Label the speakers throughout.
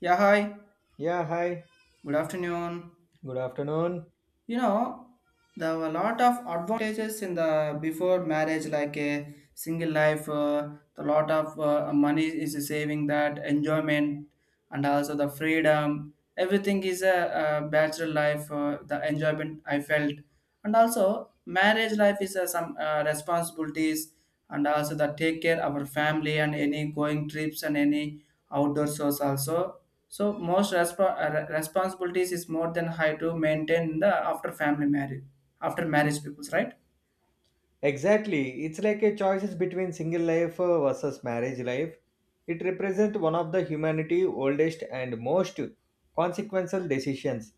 Speaker 1: Yeah, hi.
Speaker 2: Yeah, hi.
Speaker 1: Good afternoon.
Speaker 2: Good afternoon.
Speaker 1: You know, there were a lot of advantages in the before marriage, like a single life. The lot of money is saving that enjoyment, and also the freedom. Everything is a bachelor life. The enjoyment I felt, and also marriage life is some responsibilities, and also the take care our family and any going trips and any outdoor shows also, so responsibilities is more than high to maintain the after family marriage after marriage peoples, right?
Speaker 2: Exactly. It's like a choices between single life versus marriage life. It represents one of the humanity oldest and most consequential decisions.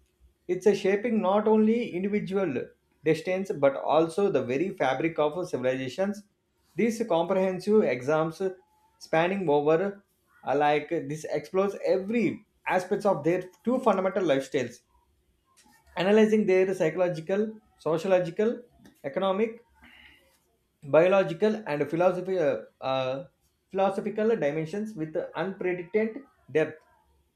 Speaker 2: It's a shaping not only individual destinies but also the very fabric of civilizations. These comprehensive exams spanning over like this explores every aspects of their two fundamental lifestyles, analyzing their psychological, sociological, economic, biological and philosophy, philosophical dimensions with unprecedented depth,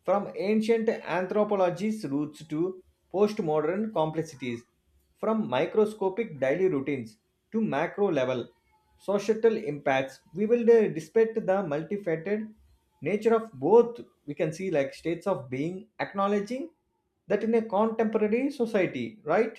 Speaker 2: from ancient anthropology's roots to postmodern complexities, from microscopic daily routines to macro level societal impacts. We will, despite the multifaceted nature of both. We can see like states of being, acknowledging that in a contemporary society, right?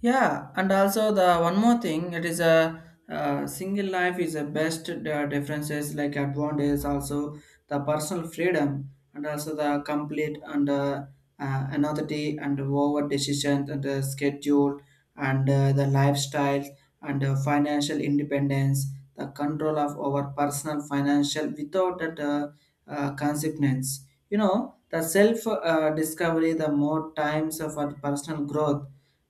Speaker 1: Yeah, and also the one more thing, it is a single life is the best differences like advantage also, the personal freedom, and also the complete and anonymity and over decision and the schedule and the lifestyle and financial independence, the control of our personal financial without that consequence. You know, the self discovery, the more times of our personal growth,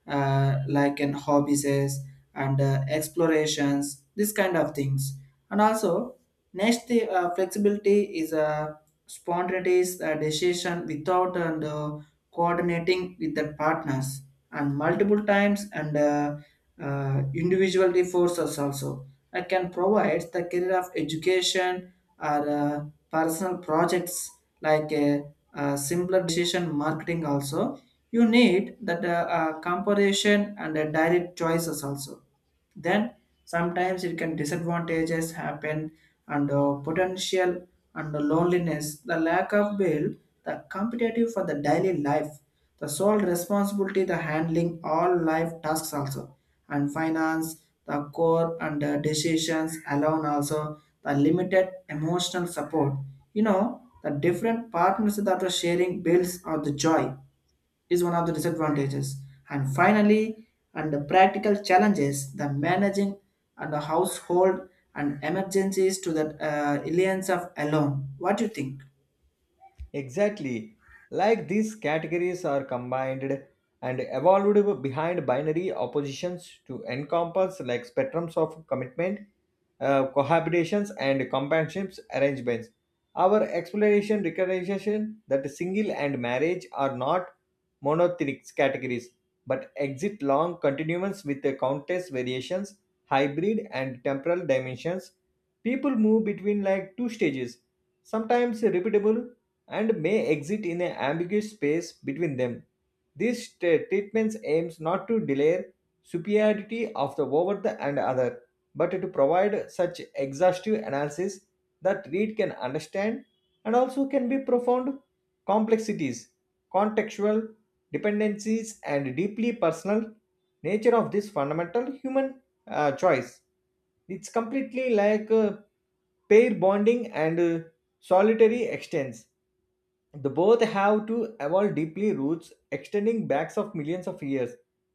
Speaker 1: like in hobbies and explorations, this kind of things. And also, next the flexibility is a spontaneous decision without and coordinating with the partners and multiple times and individual resources also. I can provide the career of education or personal projects like a simpler decision marketing also, you need that comparison and direct choices also. Then sometimes it can disadvantages happen and potential and the loneliness, the lack of build, the competitive for the daily life, the sole responsibility, the handling all life tasks also, and finance, the core and the decisions alone, also the limited emotional support. You know, the different partners that are sharing bills or the joy is one of the disadvantages. And finally, and the practical challenges, the managing and the household and emergencies to the alliance of alone. What do you think?
Speaker 2: Exactly. Like these categories are combined and evolved behind binary oppositions to encompass like spectrums of commitment, cohabitations, and companionships arrangements. Our exploration recognition that single and marriage are not monotheistic categories but exit long continuums with the countless variations, hybrid and temporal dimensions. People move between like two stages, sometimes repeatable, and may exist in an ambiguous space between them. This treatment aims not to delay superiority of the over the and other, but to provide such exhaustive analysis that read can understand and also can be profound complexities, contextual dependencies, and deeply personal nature of this fundamental human choice. It's completely like, pair bonding and, solitary extents the both have to evolve deeply roots extending backs of millions of years.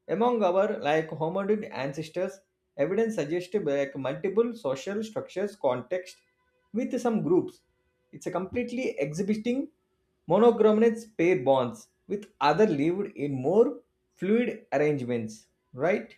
Speaker 2: Among our like hominid ancestors, evidence suggests like multiple social structures context with some groups. It's a completely exhibiting monochrominate pair bonds with other lived in more fluid arrangements, right?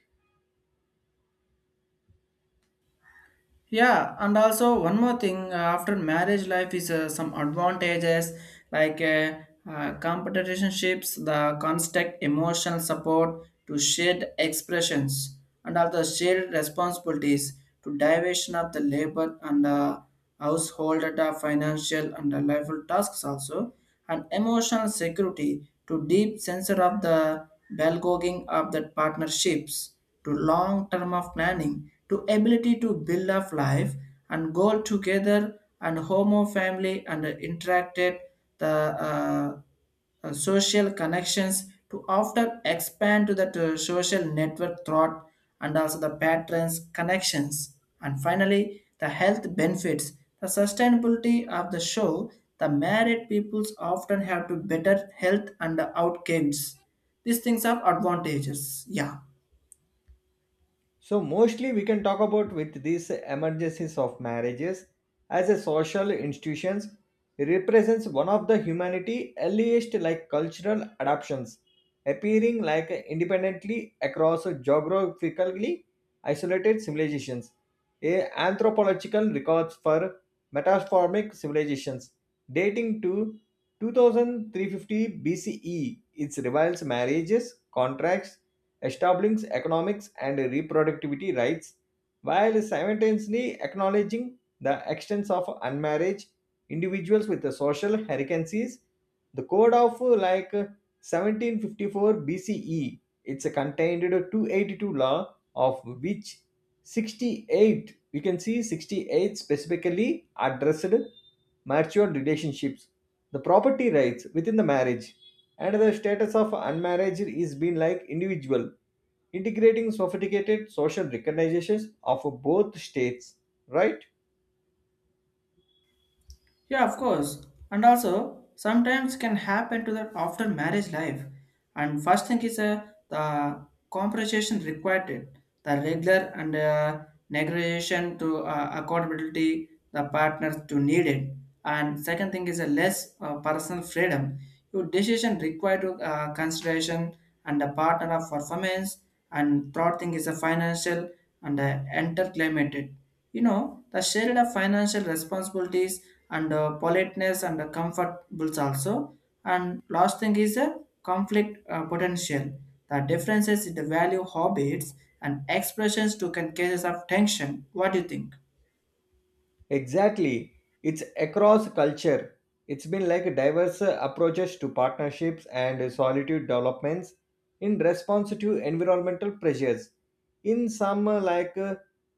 Speaker 1: Yeah, and also one more thing, after marriage life is some advantages like competitionships, the construct emotional support to shared expressions, and also shared responsibilities to division of the labor and household data, financial and lifestyle tasks also, and emotional security to deep sensor of the belgogging of the partnerships to long term of planning to ability to build of life and goal together and homo family and interacted the uh, social connections to often expand to that social network thought, and also the patterns connections, and finally the health benefits, the sustainability of the show, the married peoples often have to better health and outcomes. These things are advantages, yeah.
Speaker 2: So mostly we can talk about with these emergencies of marriages as a social institutions represents one of the humanity earliest like cultural adoptions, appearing like independently across geographically isolated civilizations. A Anthropological records for metaformic civilizations dating to 2350 BCE. It reveals marriages contracts establishing economics and reproductivity rights, while simultaneously acknowledging the extents of unmarried individuals with the social hierarchies. The code of, like, 1754 BCE, it's a contained 282 law of which 68, we can see 68 specifically addressed marital relationships, the property rights within the marriage, and the status of unmarried is been like individual, integrating sophisticated social recognitions of both states, right?
Speaker 1: Yeah, of course. And also, sometimes can happen to that after marriage life. And first thing is the compensation required, it, the regular and negotiation to accountability the partners to need it. And second thing is a less personal freedom. Your decision required to consideration and the partner of performance. And third thing is a financial and entertainment. You know, the shared of financial responsibilities and politeness and comfortables also. And last thing is a conflict potential. The differences in the value, habits, and expressions to can cases of tension. What do you think?
Speaker 2: Exactly. It's across culture. It's been like diverse approaches to partnerships and solitude developments in response to environmental pressures. In some, like, uh,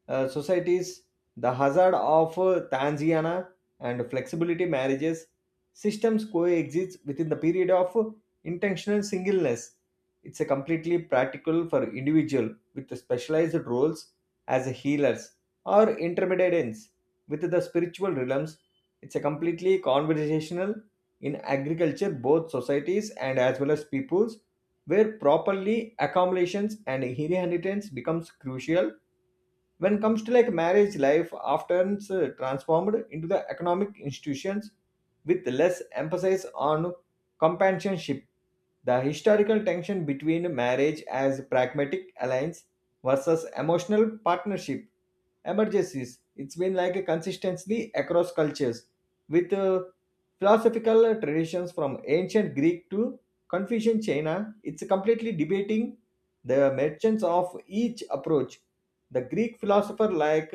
Speaker 2: uh, societies, the hazard of, Tanziana and flexibility marriages systems coexist within the period of, intentional singleness. It's a completely practical for individual with specialized roles as healers or intermediates with the spiritual realms. It's a completely conversational in agriculture, both societies and as well as peoples, where properly accumulations and inheritance becomes crucial. When it comes to like marriage life, often transformed into the economic institutions with less emphasis on companionship. The historical tension between marriage as pragmatic alliance versus emotional partnership emergencies, it's been like a consistency across cultures, with philosophical traditions from ancient Greek to Confucian China. It's completely debating the merchants of each approach. The Greek philosopher, like,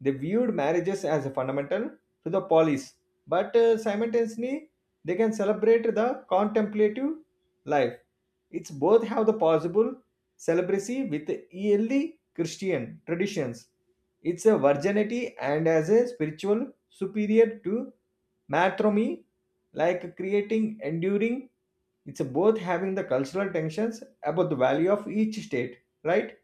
Speaker 2: they viewed marriages as a fundamental to the polis, but simultaneously they can celebrate the contemplative life. It's both have the possible celibacy with early Christian traditions. It's a virginity and as a spiritual superior to matrimony, like creating enduring. It's both having the cultural tensions about the value of each state, right?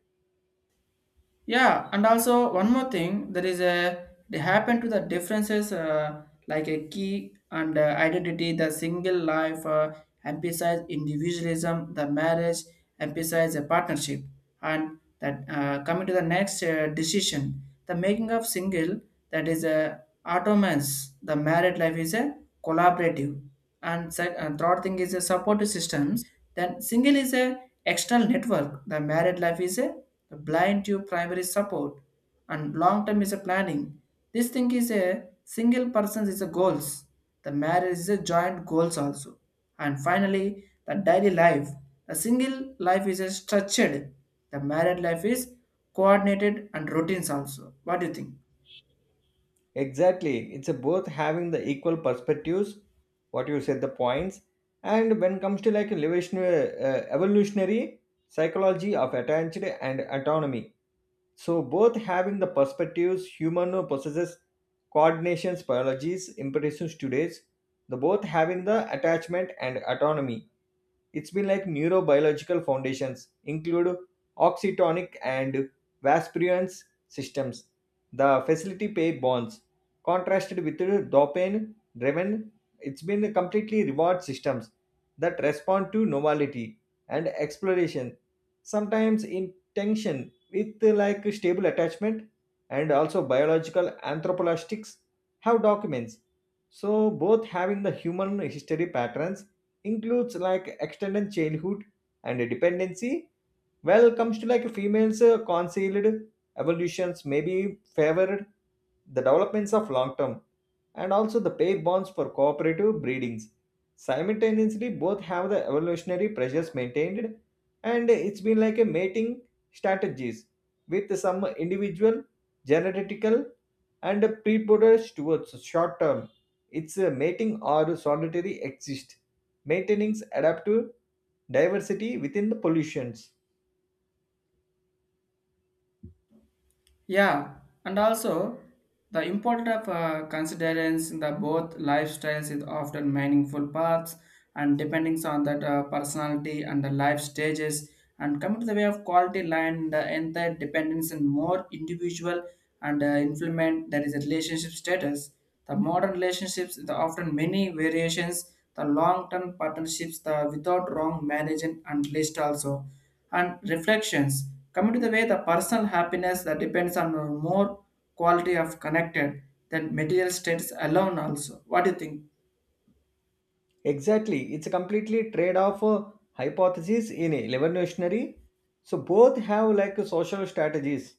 Speaker 1: Yeah, and also one more thing, there is a they happen to the differences like a key and identity, the single life emphasize individualism, the marriage emphasize a partnership, and that coming to the next decision, the making of single that is a autonomous, the married life is a collaborative, and third thing is a support systems, then single is a external network, the married life is a blind to primary support, and long term is a planning, this thing is a single person is a goals, the marriage is a joint goals also, and finally the daily life, the single life is a structured, the married life is coordinated and routines also. What do you think?
Speaker 2: Exactly. It's a both having the equal perspectives, what you said, the points, and when comes to like evolutionary psychology of attachment and autonomy. So both having the perspectives, human possesses coordinations, biologies, impressions today's, the both having the attachment and autonomy. It's been like neurobiological foundations include oxytonic and vasprions systems. The facility pay bonds contrasted with dopamine driven. It's been completely reward systems that respond to novelty and exploration, sometimes in tension with like stable attachment, and also biological anthropologists have documents. So both having the human history patterns includes like extended childhood and dependency. Well comes to like females, concealed evolutions may be favored the developments of long term, and also the pair bonds for cooperative breedings. Simultaneously, both have the evolutionary pressures maintained, and it's been like a mating strategies with some individual genetical and predators towards short term. It's a mating or solitary exist, maintaining adaptive diversity within the pollutions.
Speaker 1: Yeah, and also the importance of considerance in the both lifestyles is often meaningful paths and depending on that personality and the life stages, and coming to the way of quality line the entire dependence and more individual and influence that is a relationship status. The modern relationships the often many variations, the long-term partnerships the without wrong management and list also, and reflections, coming to the way the personal happiness that depends on more quality of connected than material states alone also. What do you think?
Speaker 2: Exactly. It's a completely trade-off hypothesis in evolutionary. So both have like social strategies,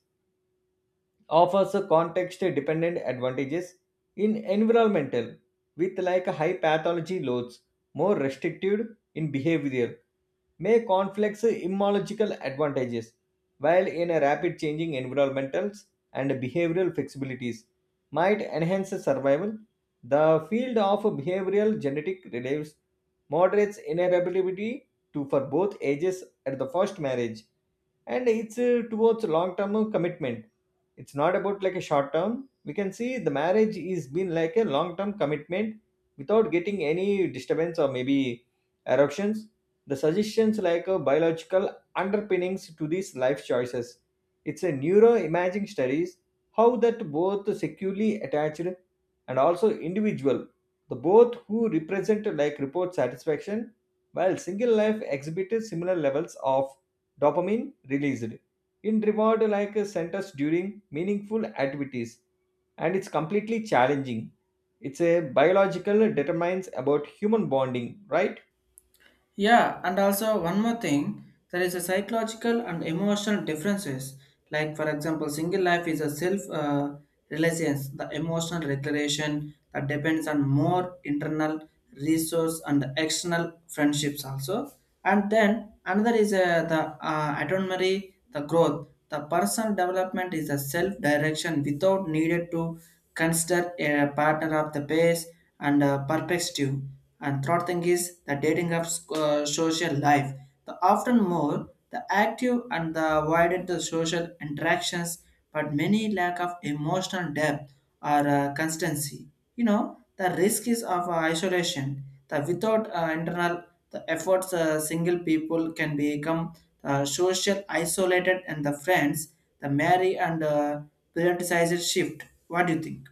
Speaker 2: offers a context-dependent advantages in environmental with like high pathology loads, more restricted in behavior, may conflicts immunological advantages, while in a rapid changing environmentals and behavioral flexibilities might enhance survival. The field of behavioral genetic relatives moderates inheritability to for both ages at the first marriage, and it's towards long term commitment. It's not about like a short term. We can see the marriage is been like a long term commitment without getting any disturbance, or maybe eruptions. The suggestions like a biological underpinnings to these life choices. It's a neuroimaging studies how that both securely attached, and also individual, the both who represent like report satisfaction, while single life exhibited similar levels of dopamine released in reward like centers during meaningful activities, and it's completely challenging. It's a biological determines about human bonding, right?
Speaker 1: Yeah, and also one more thing, there is a psychological and emotional differences. Like for example, single life is a self reliance, the emotional regulation that depends on more internal resource and external friendships also. And then another is the autonomy, the growth, the personal development is a self direction without needed to consider a partner of the base and perspective, and third thing is the dating apps social life. The often more the active and the widened the social interactions, but many lack of emotional depth or constancy. You know the risk is of isolation. The without internal the efforts, single people can become social isolated, and the friends, the marry and prioritized shift. What do you think?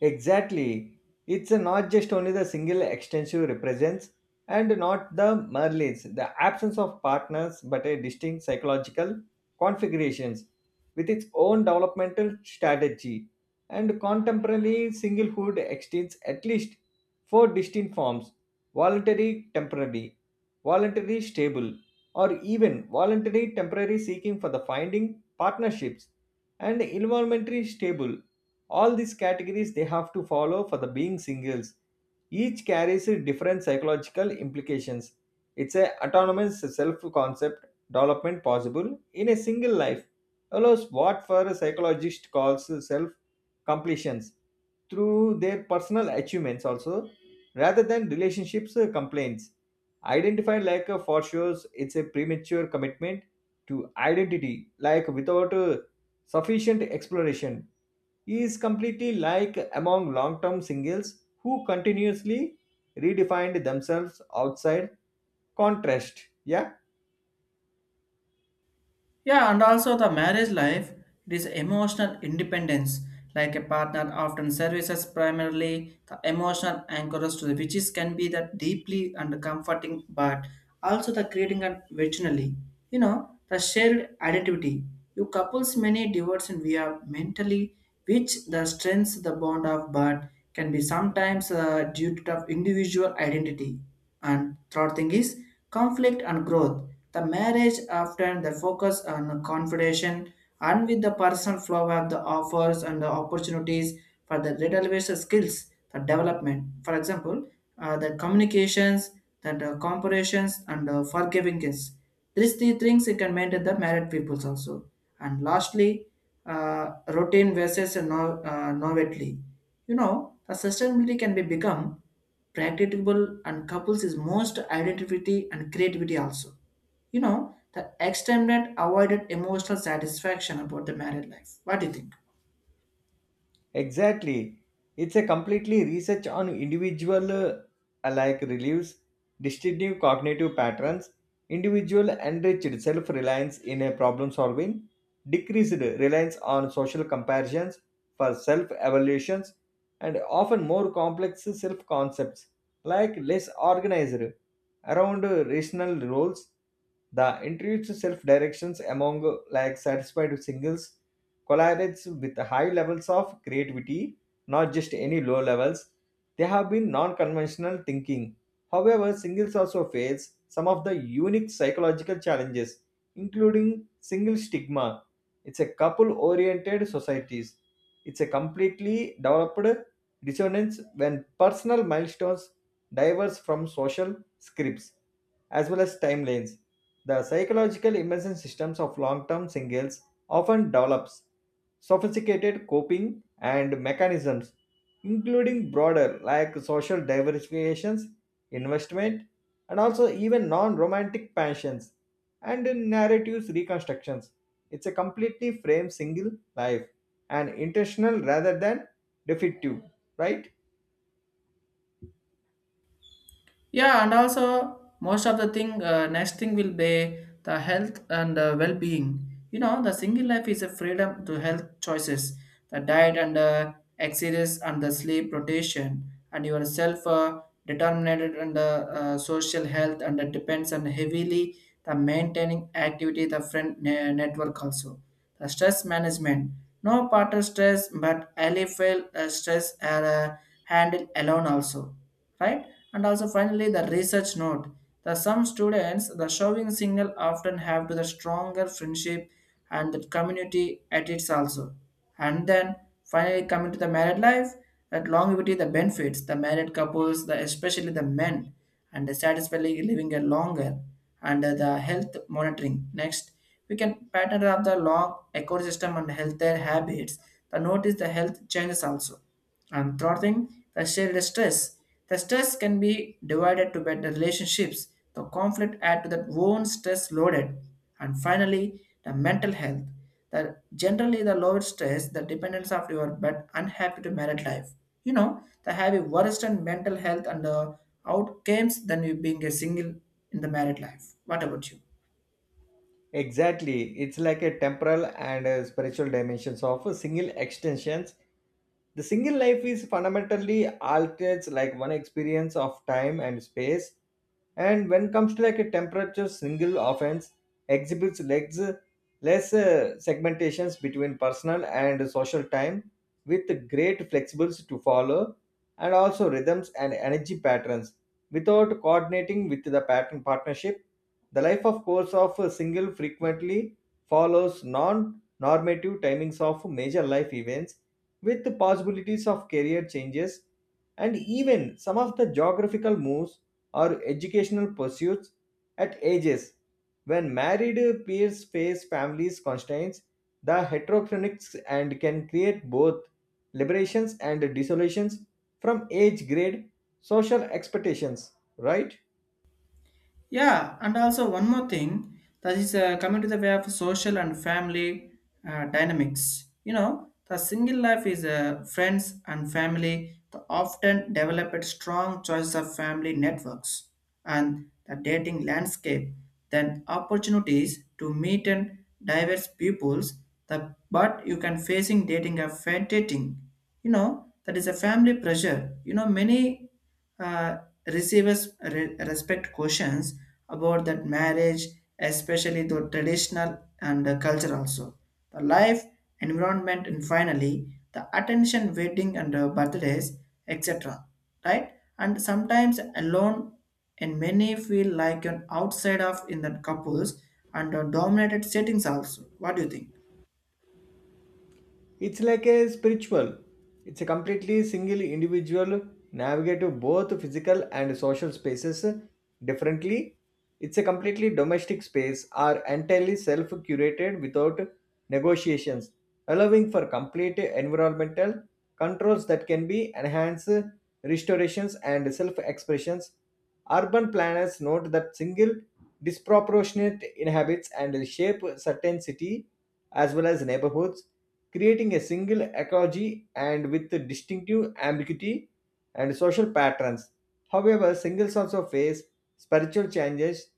Speaker 2: Exactly. It's not just only the single extensive represents and not the merlins, the absence of partners, but a distinct psychological configurations with its own developmental strategy. And contemporary singlehood extends at least four distinct forms: voluntary, temporary; voluntary, stable; or even voluntary, temporary seeking for the finding partnerships; and involuntary, stable. All these categories they have to follow for the being singles. Each carries a different psychological implications. It's a autonomous self concept development possible in a single life allows what for a psychologist calls self completions through their personal achievements also, rather than relationships, complaints identified like a for shows. It's a premature commitment to identity like, without sufficient exploration. He is completely like among long term singles who continuously redefined themselves outside contrast. Yeah.
Speaker 1: Yeah, and also the marriage life, it is emotional independence, like a partner often services primarily the emotional anchors to the which can be that deeply and comforting, but also the creating and originally, you know, the shared identity. You couples many divorce and we are mentally, which the strengths the bond of, but can be sometimes due to the individual identity, and third thing is conflict and growth. The marriage often the focus on confrontation and with the personal flow of the offers and the opportunities for the relevant skills, the development. For example, the communications, that comparisons and forgivingness. These three things you can maintain the married peoples also. And lastly, routine versus no, novelty. You know, the sustainability can be become practicable and couples is most identity and creativity also. You know, the extended avoided emotional satisfaction about the married life. What do you think?
Speaker 2: Exactly. It's a completely research on individual, alike reliefs, distinctive cognitive patterns, individual enriched self reliance in a problem solving, decreased reliance on social comparisons for self evaluations, and often more complex self concepts like less organized around, rational roles. The introduced self directions among, like satisfied singles collaborates with high levels of creativity, not just any low levels. They have been non conventional thinking. However, singles also face some of the unique psychological challenges, including single stigma. It's a couple oriented societies. It's a completely developed dissonance when personal milestones diverge from social scripts as well as timelines. The psychological immersion systems of long term singles often develops sophisticated coping and mechanisms, including broader like social diversifications, investment, and also even non-romantic passions and narratives reconstructions. It's a completely framed single life and intentional rather than defective, right?
Speaker 1: Yeah, and also most of the thing, next thing will be the health and well-being. You know, the single life is a freedom to health choices, the diet and exercise and the sleep rotation and your self determined and social health, and it depends on heavily the maintaining activity the network also, the stress management, no partner stress but I feel stress are handled alone also, right? And also finally the research note. The some students, the showing signal often have to the stronger friendship and the community at its also. And then finally coming to the married life, that longevity, the benefits, the married couples, the especially the men and satisfyingly living a longer and the health monitoring. Next, we can pattern up the long ecosystem and healthier habits. The notice the health changes also. And third thing, the shared stress. The stress can be divided to better relationships. The conflict add to that own stress loaded. And finally, the mental health. The generally the lower stress, the dependence of your but unhappy to married life. You know, the have a worse than mental health and outcomes than you being a single in the married life. What about you?
Speaker 2: Exactly. It's like a temporal and a spiritual dimensions of a single extensions. The single life is fundamentally altered, like one experience of time and space. And when comes to like a temperature, single offense exhibits legs, less segmentations between personal and social time, with great flexibles to follow, and also rhythms and energy patterns without coordinating with the pattern partnership. The life of course of a single frequently follows non-normative timings of major life events, with the possibilities of career changes, and even some of the geographical moves or educational pursuits at ages when married peers face families constraints. The heterochronics and can create both liberations and desolations from age grade social expectations, right?
Speaker 1: Yeah, and also one more thing that is coming to the way of social and family dynamics. You know, the single life is friends and family the often developed strong choice of family networks, and the dating landscape, then opportunities to meet and diverse peoples. The but you can facing dating a fair dating. You know that is a family pressure. You know many uh, respect questions about that marriage, especially the traditional and culture also. The life, environment, and finally the attention, wedding and birthdays, etc. Right? And sometimes alone, and many feel like an outside of in the couples and dominated settings also. What do you think?
Speaker 2: It's like a spiritual. It's a completely single individual navigate both physical and social spaces differently. It's a completely domestic space are entirely self-curated without negotiations, allowing for complete environmental controls that can be enhanced restorations and self-expressions. Urban planners note that single disproportionate inhabits and shape certain city as well as neighborhoods, creating a single ecology and with distinctive ambiguity and social patterns. However, singles also face spiritual changes,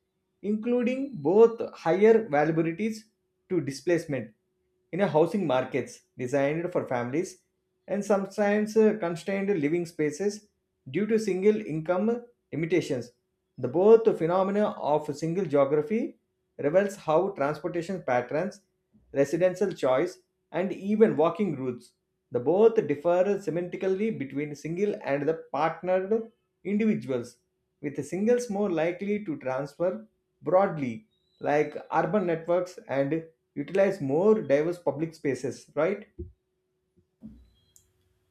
Speaker 2: including both higher vulnerabilities to displacement in a housing markets designed for families, and sometimes constrained living spaces due to single income limitations. The both phenomena of single geography reveals how transportation patterns, residential choice, and even walking routes, the both differ semantically between single and the partnered individuals, with singles more likely to transfer broadly, like urban networks and utilize more diverse public spaces, right?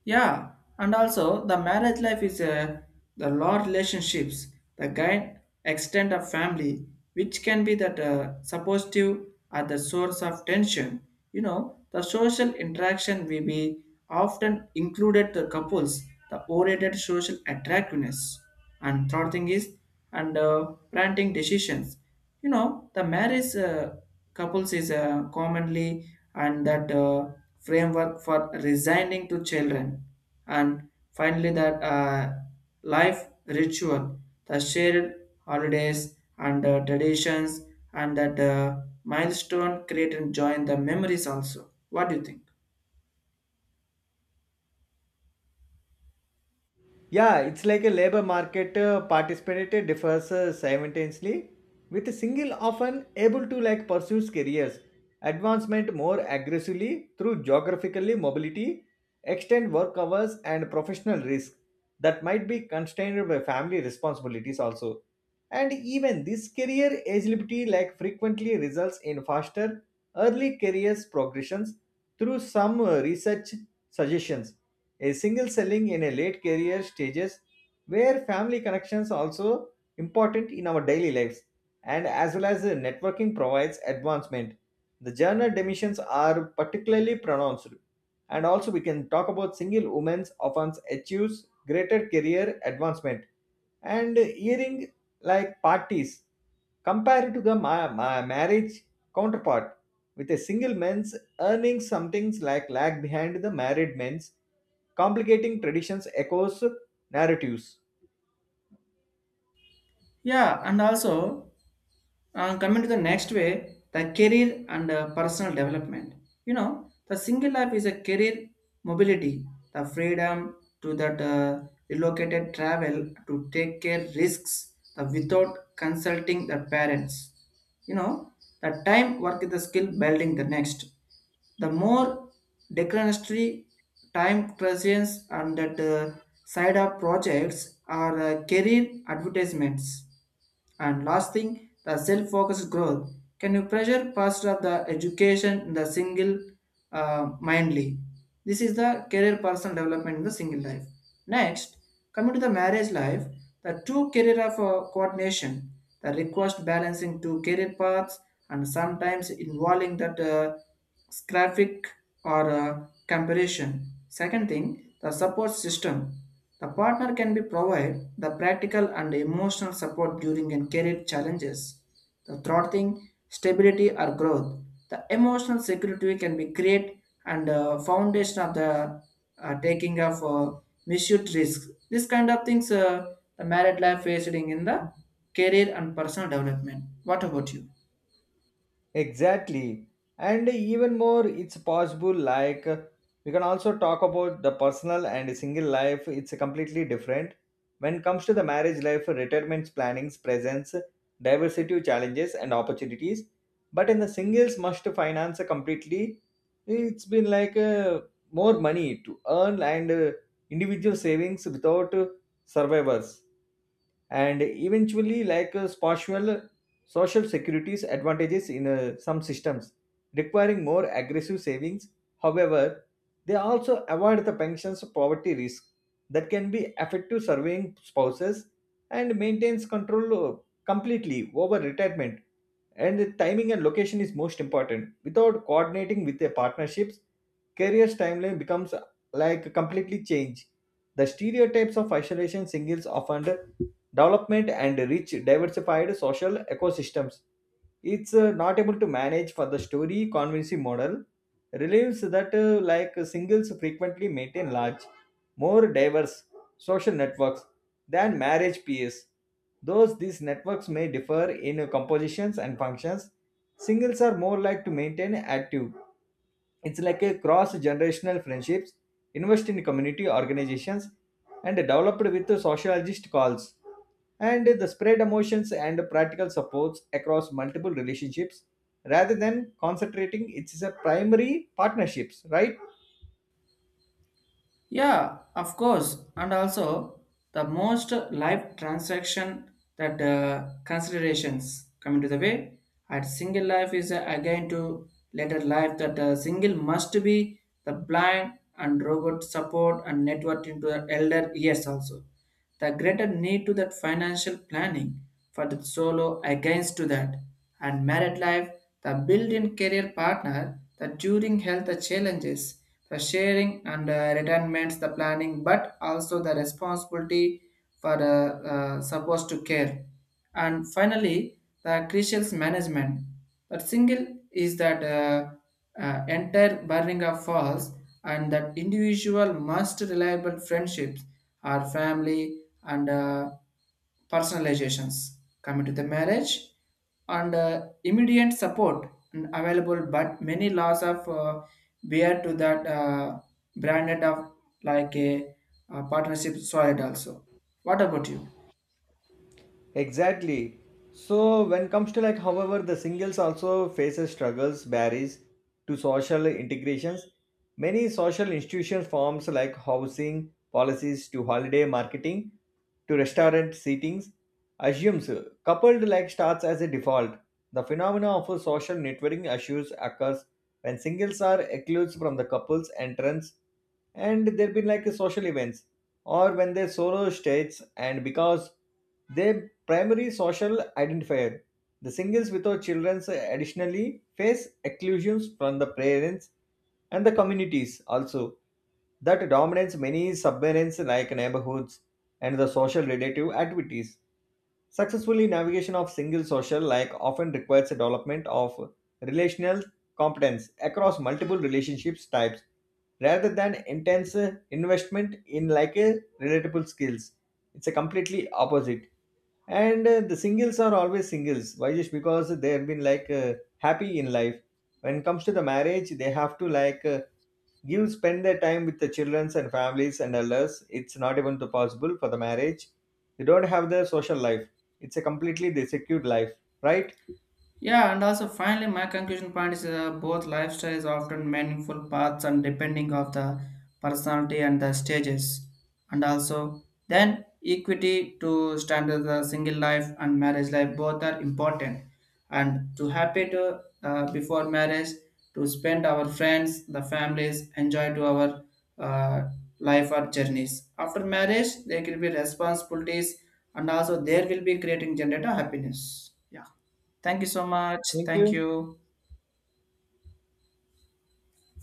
Speaker 1: Yeah, and also the marriage life is the law relationships, the guide extent of family, which can be that suppositive at the source of tension. You know, the social interaction will be often included the couples, the oriented social attractiveness. And third thing is, and planting decisions. You know, the marriage couples is commonly and that framework for resigning to children, and finally that life ritual, the shared holidays and traditions and that milestone create and join the memories also. What do you think?
Speaker 2: Yeah, it's like a labor market participant differs simultaneously, with a single often able to like pursue careers advancement more aggressively through geographically mobility, extend work hours and professional risk that might be constrained by family responsibilities also. And even this career agility like frequently results in faster early careers progressions, through some research suggestions a single selling in a late career stages where family connections also important in our daily lives, and as well as networking provides advancement. The gender dimensions are particularly pronounced, and also we can talk about single women often achieves greater career advancement and hearing like parties compared to the marriage counterpart, with a single man's earning something like lag behind the married men's. Complicating traditions echoes narratives.
Speaker 1: Yeah, and also coming to the next way, the career and personal development. You know, the single life is a career mobility, the freedom to that relocated travel to take care risks the without consulting the parents. You know, the time work is the skill building the next. The more declinatory time presence and that side of projects are career advertisements, and last thing, the self-focused growth. Can you pressure past of the education in the single mindly? This is the career personal development in the single life. Next, coming to the marriage life, the two career of coordination, the request balancing two career paths and sometimes involving that graphic or comparison. Second thing, the support system. The partner can be provide the practical and emotional support during and career challenges, the throttling, stability or growth. The emotional security can be create and foundation of the taking of misused risks. This kind of things the married life facing in the career and personal development. What about you?
Speaker 2: Exactly. And even more, it's possible, like, we can also talk about the personal and single life. It's completely different. When it comes to the marriage life, retirement plannings presents diversity challenges and opportunities. But in the singles must finance completely, it's been like more money to earn and individual savings without survivors. And eventually like spatial social security's advantages in some systems, requiring more aggressive savings. However, they also avoid the pensions poverty risk that can be effective surveying spouses, and maintains control completely over retirement. And the timing and location is most important without coordinating with a partnerships career's timeline becomes like completely changed. The stereotypes of isolation singles often development and rich diversified social ecosystems. It's not able to manage for the story convincing model relieves that like singles frequently maintain large, more diverse social networks than marriage peers. Those these networks may differ in compositions and functions, singles are more like to maintain active. It's like a cross-generational friendships, invest in community organizations, and developed with sociologist calls. And the spread emotions and practical supports across multiple relationships rather than concentrating it's a primary partnerships, right?
Speaker 1: Yeah, of course. And also, the most life transaction that considerations coming to the way at single life is again to later life that single must be the blind and robot support and network into the elder yes also, the greater need to that financial planning for the solo against to that, and married life the built-in career partner the during health challenges the sharing and retirements the planning, but also the responsibility for supposed to care. And finally, the crucial management. That single is that entire burning of falls and that individual must reliable friendships or family and personalizations, coming to the marriage and immediate support and available but many laws of bear to that branded of like a partnership solid also. What about you?
Speaker 2: Exactly. So when comes to like, however, the singles also faces struggles barriers to social integrations. Many social institution forms like housing policies, to holiday marketing, to restaurant seatings, assumes coupled like starts as a default. The phenomena of a social networking issues occurs when singles are excluded from the couple's entrance, and there been like a social events, or when they solo states and because they primary social identifier. The singles without children additionally face exclusions from the parents and the communities also that dominates many submarines like neighborhoods and the social relative activities. Successfully navigation of single social like often requires a development of relational competence across multiple relationships types, rather than intense investment in like a relatable skills. It's a completely opposite, and the singles are always singles why, just because they have been like happy in life. When it comes to the marriage, they have to like give spend their time with the childrens and families and others. It's not even too possible for the marriage. They don't have their social life. It's a completely they secured life, right?
Speaker 1: Yeah, and also finally, my conclusion point is both lifestyles often meaningful paths and depending of the personality and the stages, and also then equity to standard the single life and marriage life both are important, and to happy to before marriage to spend our friends, the families, enjoy to our uh, life or journeys. After marriage, there will be responsibilities, and also there will be creating generate a happiness. Yeah. Thank you so much.
Speaker 2: Thank
Speaker 1: Thank
Speaker 2: you.
Speaker 1: you.